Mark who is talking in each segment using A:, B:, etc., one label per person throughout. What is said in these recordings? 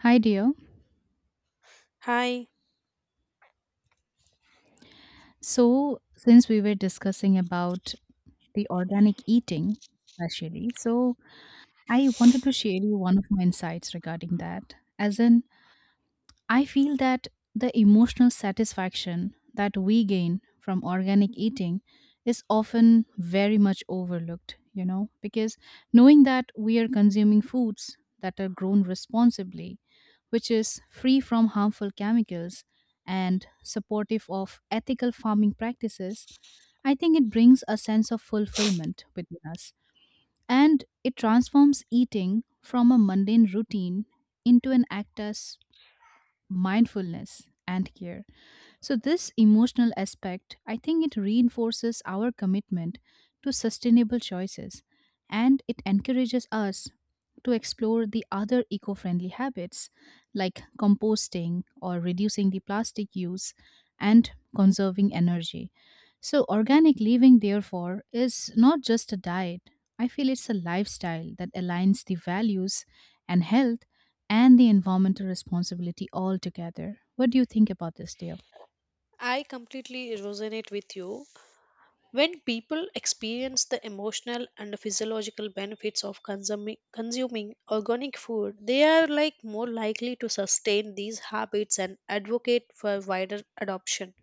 A: Hi, dear.
B: Hi,
A: So, since we were discussing about the organic eating, especially, so I wanted to share you one of my insights regarding that. As in, I feel that the emotional satisfaction that we gain from organic eating is often very much overlooked, because knowing that we are consuming foods that are grown responsibly, which is free from harmful chemicals and supportive of ethical farming practices, I think it brings a sense of fulfillment within us. And it transforms eating from a mundane routine into an act mindfulness and care. So, this emotional aspect, I think it reinforces our commitment to sustainable choices, and it encourages us to explore the other eco friendly habits like composting or reducing the plastic use and conserving energy. So, organic living, therefore, is not just a diet. I feel it's a lifestyle that aligns the values and health and the environmental responsibility all together. What do you think about this, dear?
B: I completely resonate with you. When people experience the emotional and physiological benefits of consuming organic food, they are like more likely to sustain these habits and advocate for wider adoption.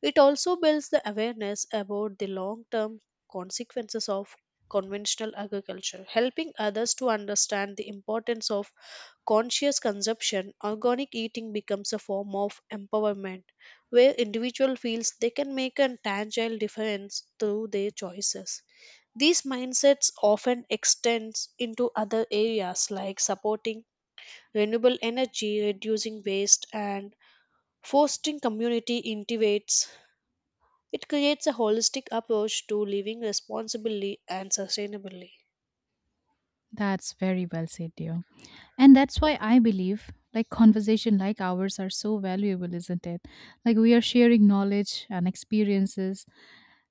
B: It also builds the awareness about the long-term consequences of conventional agriculture, helping others to understand the importance of conscious consumption. Organic eating becomes a form of empowerment where individual feels they can make a tangible difference through their choices. These mindsets often extends into other areas like supporting renewable energy, reducing waste and fostering community integrates. It creates a holistic approach to living responsibly and sustainably.
A: That's very well said, dear. And that's why I believe like conversation like ours are so valuable, isn't it? Like we are sharing knowledge and experiences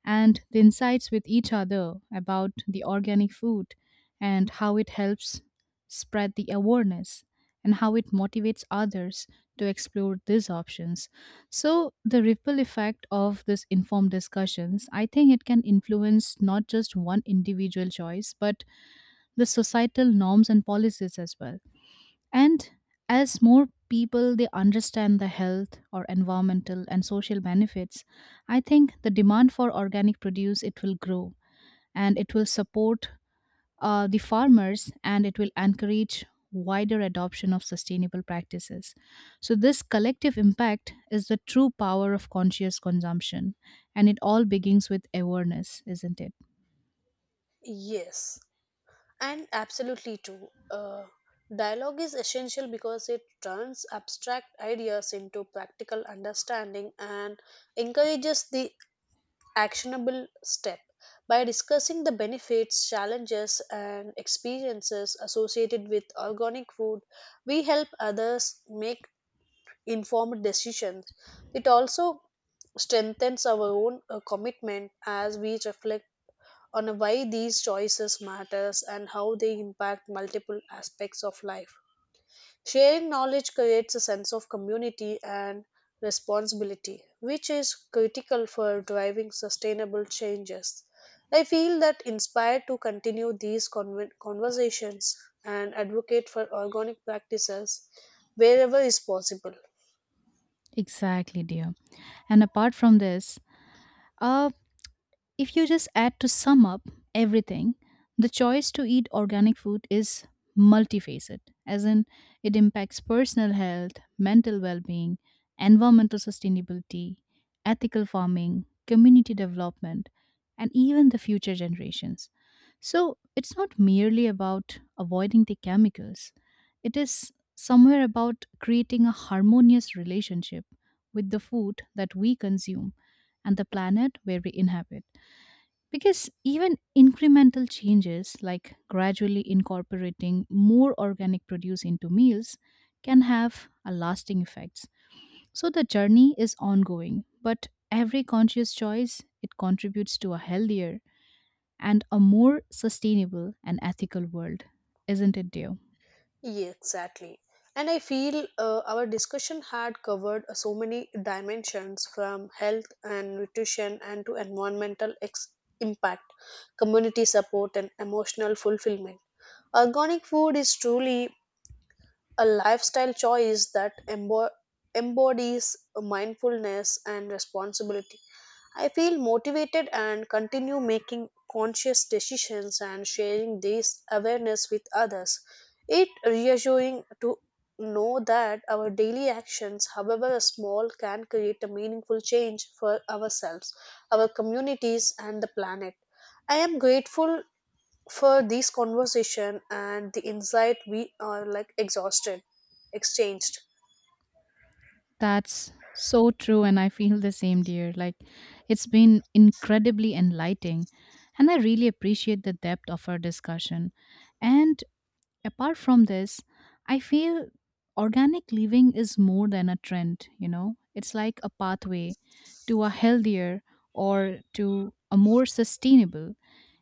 A: and the insights with each other about the organic food and how it helps spread the awareness and how it motivates others to explore these options. So the ripple effect of this informed discussions, I think it can influence not just one individual choice, but the societal norms and policies as well. And as more people they understand the health or environmental and social benefits, I think the demand for organic produce it will grow and it will support the farmers, and it will encourage wider adoption of sustainable practices. So this collective impact is the true power of conscious consumption and it all begins with awareness, isn't it?
B: Yes. And absolutely true. Dialogue is essential because it turns abstract ideas into practical understanding and encourages the actionable step. By discussing the benefits, challenges, and experiences associated with organic food, we help others make informed decisions. It also strengthens our own commitment as we reflect on why these choices matters and how they impact multiple aspects of life. Sharing knowledge creates a sense of community and responsibility, which is critical for driving sustainable changes. I feel that inspired to continue these conversations and advocate for organic practices wherever is possible.
A: Exactly, dear. And apart from this, uh, if you just add to sum up everything, the choice to eat organic food is multifaceted, as in it impacts personal health, mental well being, environmental sustainability, ethical farming, community development, and even the future generations. So it's not merely about avoiding the chemicals, it is somewhere about creating a harmonious relationship with the food that we consume and the planet where we inhabit. Because even incremental changes, like gradually incorporating more organic produce into meals, can have a lasting effects. So the journey is ongoing, but every conscious choice it contributes to a healthier and a more sustainable and ethical world, isn't it, dear?
B: Yeah, exactly. And I feel our discussion had covered so many dimensions from health and nutrition and to environmental impact, community support, and emotional fulfillment. Organic food is truly a lifestyle choice that embodies mindfulness and responsibility. I feel motivated and continue making conscious decisions and sharing this awareness with others. It reassuring to know that our daily actions, however small, can create a meaningful change for ourselves, our communities and the planet. I am grateful for this conversation and the insight we are like exhausted exchanged.
A: That's so true, and I feel the same, dear. Like it's been incredibly enlightening, and I really appreciate the depth of our discussion. And apart from this, I feel organic living is more than a trend, it's like a pathway to a healthier or to a more sustainable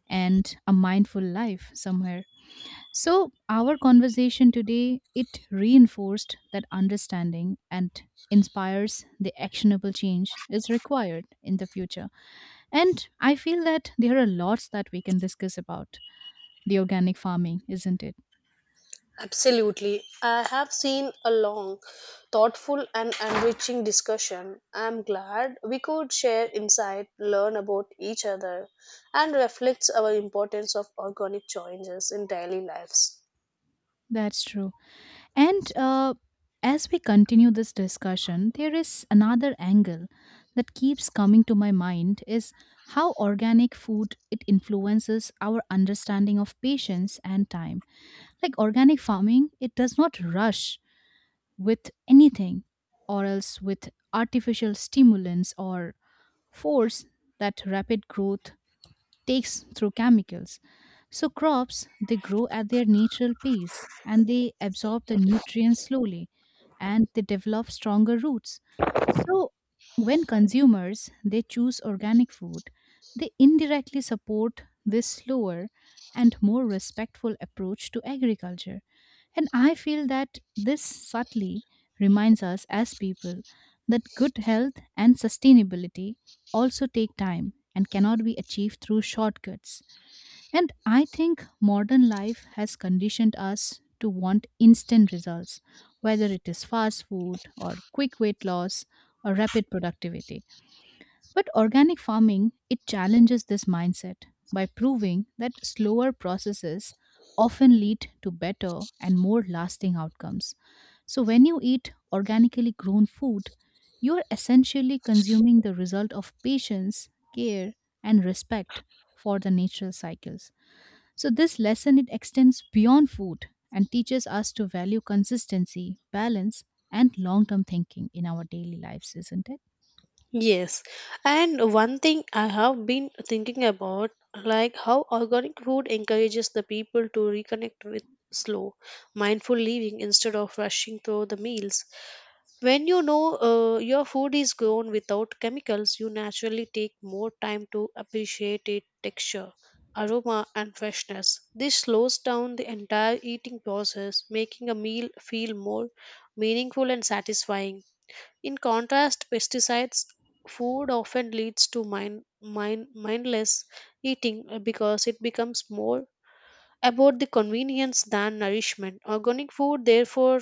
A: and a mindful life somewhere. So, our conversation today it reinforced that understanding and inspires the actionable change is required in the future. And I feel that there are lots that we can discuss about the organic farming, isn't it?
B: Absolutely. I have seen a long, thoughtful, and enriching discussion. I'm glad we could share insight, learn about each other, and reflect our importance of organic changes in daily lives.
A: That's true. And as we continue this discussion, there is another angle that keeps coming to my mind is how organic food it influences our understanding of patience and time. Like organic farming, it does not rush with anything or else with artificial stimulants or force that rapid growth takes through chemicals. So crops they grow at their natural pace and they absorb the nutrients slowly and they develop stronger roots. So when consumers they choose organic food, they indirectly support this slower and more respectful approach to agriculture. And I feel that this subtly reminds us as people that good health and sustainability also take time and cannot be achieved through shortcuts. And I think modern life has conditioned us to want instant results, whether it is fast food or quick weight loss or rapid productivity. But organic farming, it challenges this mindset by proving that slower processes often lead to better and more lasting outcomes. So when you eat organically grown food, you are essentially consuming the result of patience, care, and respect for the natural cycles. So this lesson it extends beyond food and teaches us to value consistency, balance, and long-term thinking in our daily lives, isn't it?
B: Yes, and one thing I have been thinking about, like how organic food encourages the people to reconnect with slow, mindful living instead of rushing through the meals. When you know your food is grown without chemicals, you naturally take more time to appreciate its texture, aroma, and freshness. This slows down the entire eating process, making a meal feel more meaningful and satisfying. In contrast, pesticides food often leads to mindless eating because it becomes more about the convenience than nourishment. Organic food, therefore,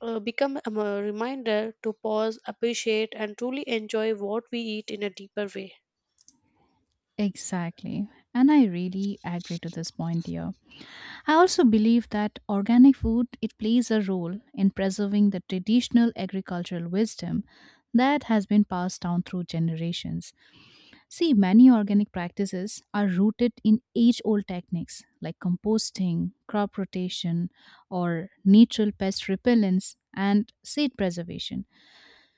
B: become a reminder to pause, appreciate, and truly enjoy what we eat in a deeper way.
A: Exactly. And I really agree to this point here. I also believe that organic food it plays a role in preserving the traditional agricultural wisdom that has been passed down through generations. See, many organic practices are rooted in age-old techniques like composting, crop rotation, or natural pest repellents and seed preservation.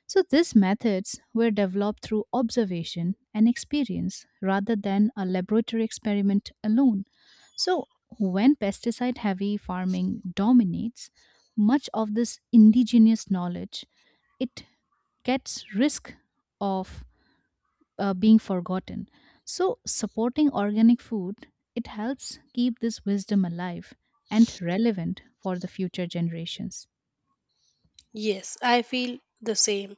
A: So, these methods were developed through observation and experience rather than a laboratory experiment alone. So, when pesticide heavy farming dominates, much of this indigenous knowledge it gets risk of being forgotten. So, supporting organic food, it helps keep this wisdom alive and relevant for the future generations.
B: Yes, I feel the same.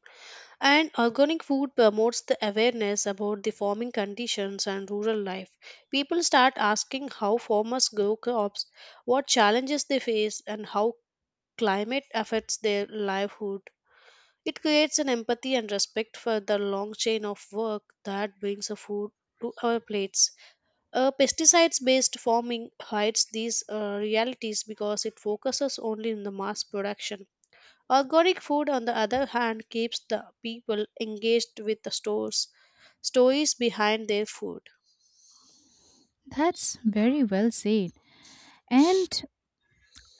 B: And organic food promotes the awareness about the farming conditions and rural life. People start asking how farmers grow crops, what challenges they face, and how climate affects their livelihood. It creates an empathy and respect for the long chain of work that brings a food to our plates. Pesticides based farming hides these realities because it focuses only on the mass production. Organic food, on the other hand, keeps the people engaged with the stories behind their food.
A: That's very well said. And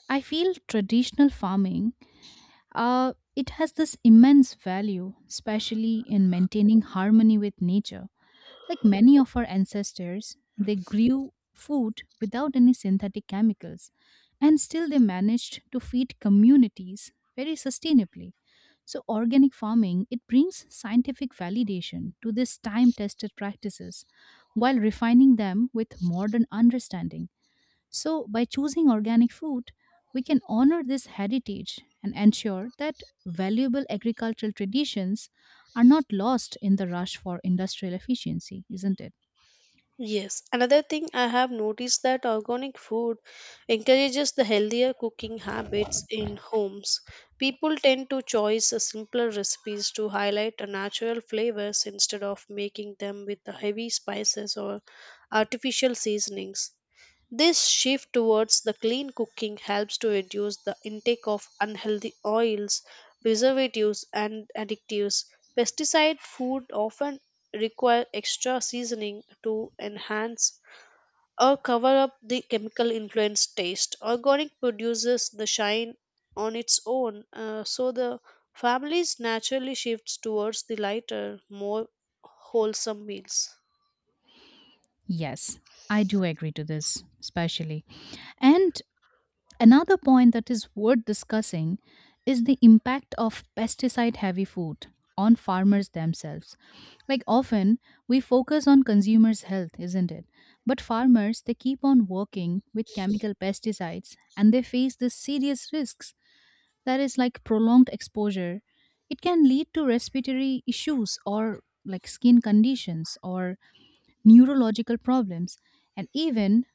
A: I feel traditional farming, it has this immense value, especially in maintaining harmony with nature. Like many of our ancestors, they grew food without any synthetic chemicals, and still they managed to feed communities very sustainably. So, organic farming it brings scientific validation to these time-tested practices, while refining them with modern understanding. So, by choosing organic food, we can honor this heritage and ensure that valuable agricultural traditions are not lost in the rush for industrial efficiency, isn't it?
B: Yes, another thing I have noticed that organic food encourages the healthier cooking habits in homes. People tend to choose the simpler recipes to highlight the natural flavors instead of making them with the heavy spices or artificial seasonings. This shift towards the clean cooking helps to reduce the intake of unhealthy oils, preservatives, and additives. Pesticide food often require extra seasoning to enhance or cover up the chemical influenced taste. Organic produces the shine on its own, so the families naturally shifts towards the lighter, more wholesome meals.
A: Yes, I do agree to this, especially. And another point that is worth discussing is the impact of pesticide heavy food on farmers themselves. Like often, we focus on consumers' health, isn't it? But farmers, they keep on working with chemical pesticides and they face the serious risks that is like prolonged exposure. It can lead to respiratory issues or like skin conditions or neurological problems, and even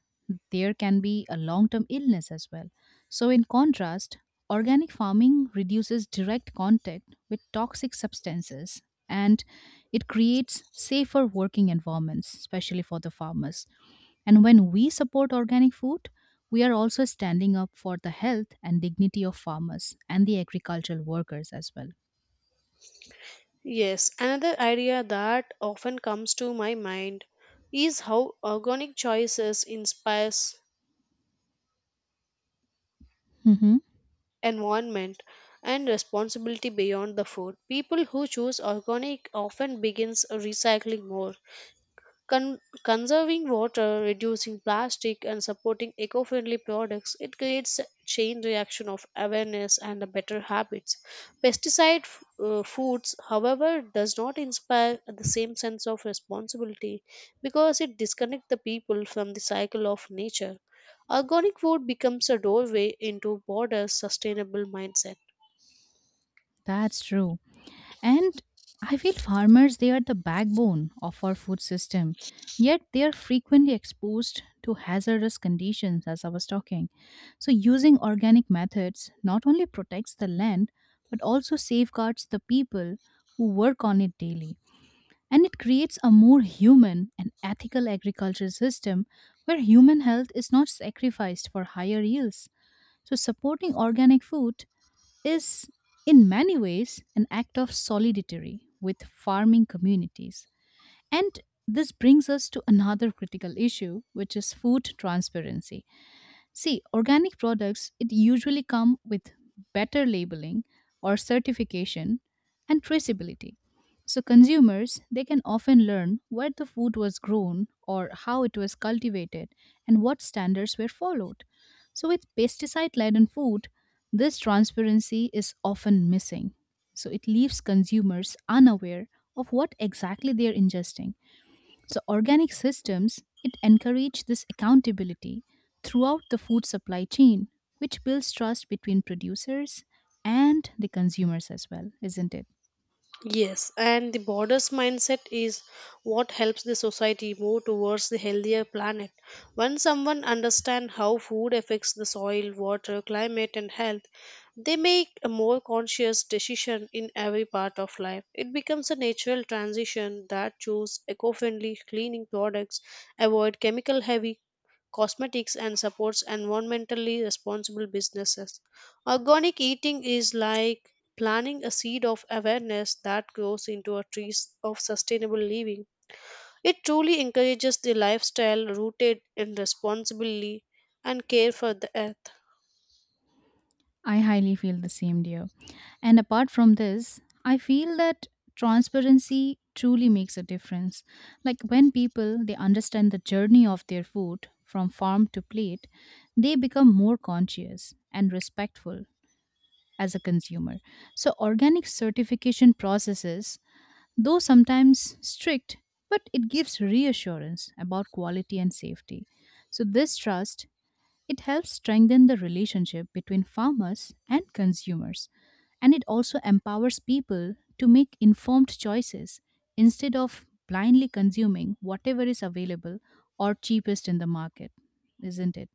A: there can be a long term illness as well. So, in contrast, organic farming reduces direct contact with toxic substances and it creates safer working environments, especially for the farmers. And when we support organic food, we are also standing up for the health and dignity of farmers and the agricultural workers as well.
B: Yes, another idea that often comes to my mind is how organic choices inspires
A: Hmm.
B: environment and responsibility beyond the food. People who choose organic often begins recycling more. Con- Conserving water, reducing plastic, and supporting eco friendly products, it creates a chain reaction of awareness and the better habits. Foods, however, does not inspire the same sense of responsibility because it disconnects the people from the cycle of nature. Organic food becomes a doorway into broader sustainable mindset.
A: That's true. And I feel farmers, they are the backbone of our food system, yet they are frequently exposed to hazardous conditions, as I was talking. So, using organic methods not only protects the land, but also safeguards the people who work on it daily. And it creates a more human and ethical agriculture system where human health is not sacrificed for higher yields. So, supporting organic food is in many ways an act of solidarity with farming communities. And this brings us to another critical issue, which is food transparency. See, organic products it usually come with better labeling or certification and traceability. So consumers they can often learn where the food was grown or how it was cultivated and what standards were followed. So with pesticide laden food, this transparency is often missing. So it leaves consumers unaware of what exactly they are ingesting. So organic systems, it encourage this accountability throughout the food supply chain, which builds trust between producers and the consumers as well, isn't it?
B: Yes, and the borders mindset is what helps the society move towards the healthier planet. When someone understands how food affects the soil, water, climate, and health, they make a more conscious decision in every part of life. It becomes a natural transition that choose eco-friendly cleaning products, avoid chemical-heavy cosmetics and supports environmentally responsible businesses. Organic eating is like planting a seed of awareness that grows into a tree of sustainable living. It truly encourages the lifestyle rooted in responsibility and care for the earth.
A: I highly feel the same, dear. And apart from this, I feel that transparency truly makes a difference. Like when people they understand the journey of their food from farm to plate, they become more conscious and respectful as a consumer. So organic certification processes though sometimes strict, but it gives reassurance about quality and safety. So this trust it helps strengthen the relationship between farmers and consumers and it also empowers people to make informed choices instead of blindly consuming whatever is available or cheapest in the market, isn't it?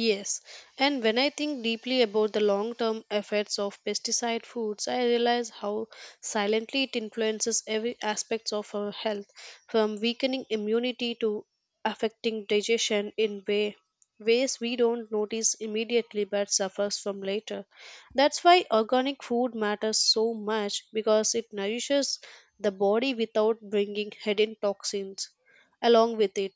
B: Yes, and when I think deeply about the long term effects of pesticide foods, I realize how silently it influences every aspect of our health, from weakening immunity to affecting digestion in ways we don't notice immediately but suffers from later. That's why organic food matters so much because it nourishes the body without bringing hidden toxins along with it.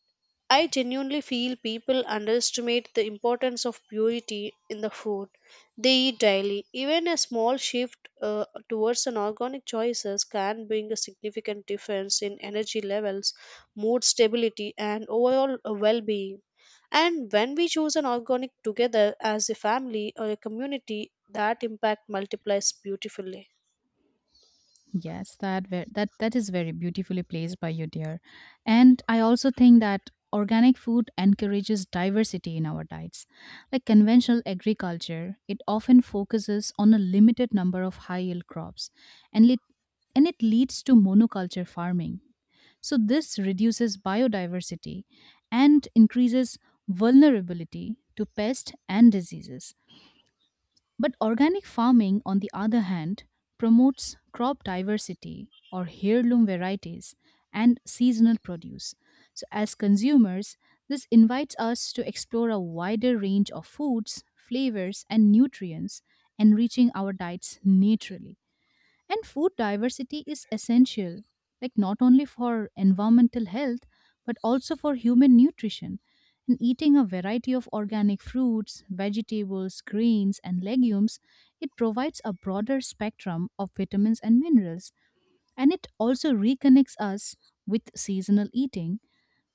B: I genuinely feel people underestimate the importance of purity in the food they eat daily. Even a small shift towards an organic choices can bring a significant difference in energy levels, mood stability, and overall well-being. And when we choose an organic together as a family or a community, that impact multiplies beautifully.
A: Yes, that is very beautifully placed by you, dear. And I also think that organic food encourages diversity in our diets. Like conventional agriculture, it often focuses on a limited number of high yield crops, and it leads to monoculture farming. So this reduces biodiversity and increases vulnerability to pests and diseases. But organic farming, on the other hand, promotes crop diversity or heirloom varieties and seasonal produce. So, as consumers, this invites us to explore a wider range of foods, flavors, and nutrients, enriching our diets naturally. And food diversity is essential, like not only for environmental health, but also for human nutrition. And eating a variety of organic fruits, vegetables, grains, and legumes, it provides a broader spectrum of vitamins and minerals. And it also reconnects us with seasonal eating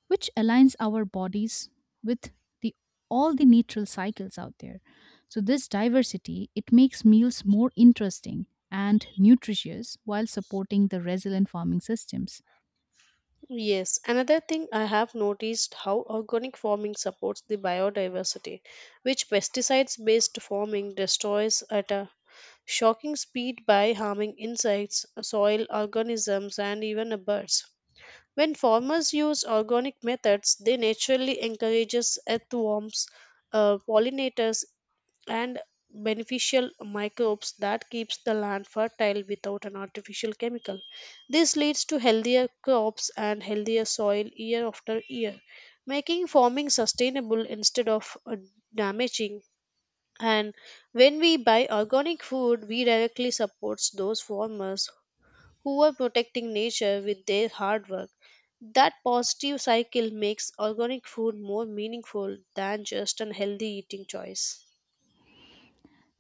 A: which aligns our bodies with the all the natural cycles out there. So this diversity it makes meals more interesting and nutritious while supporting the resilient farming systems.
B: Yes, another thing I have noticed how organic farming supports the biodiversity, which pesticides based farming destroys at a shocking speed by harming insects, soil organisms and even the birds. When farmers use organic methods, they naturally encourages earthworms, pollinators and beneficial microbes that keeps the land fertile without an artificial chemical. This leads to healthier crops and healthier soil year after year, making farming sustainable instead of damaging. And when we buy organic food, we directly supports those farmers who are protecting nature with their hard work. That positive cycle makes organic food more meaningful than just an healthy eating choice.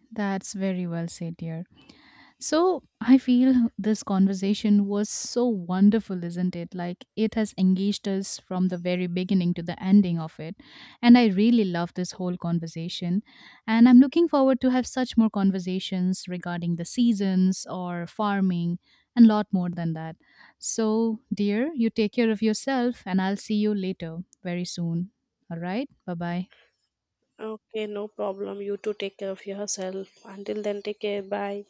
A: That's very well said, dear. So I feel this conversation was so wonderful, isn't it? Like it has engaged us from the very beginning to the ending of it. And I really love this whole conversation. And I'm looking forward to have such more conversations regarding the seasons or farming and lot more than that. So, dear, you take care of yourself and I'll see you later very soon. All right? Bye bye.
B: Okay, no problem. You too take care of yourself. Until then, take care. Bye.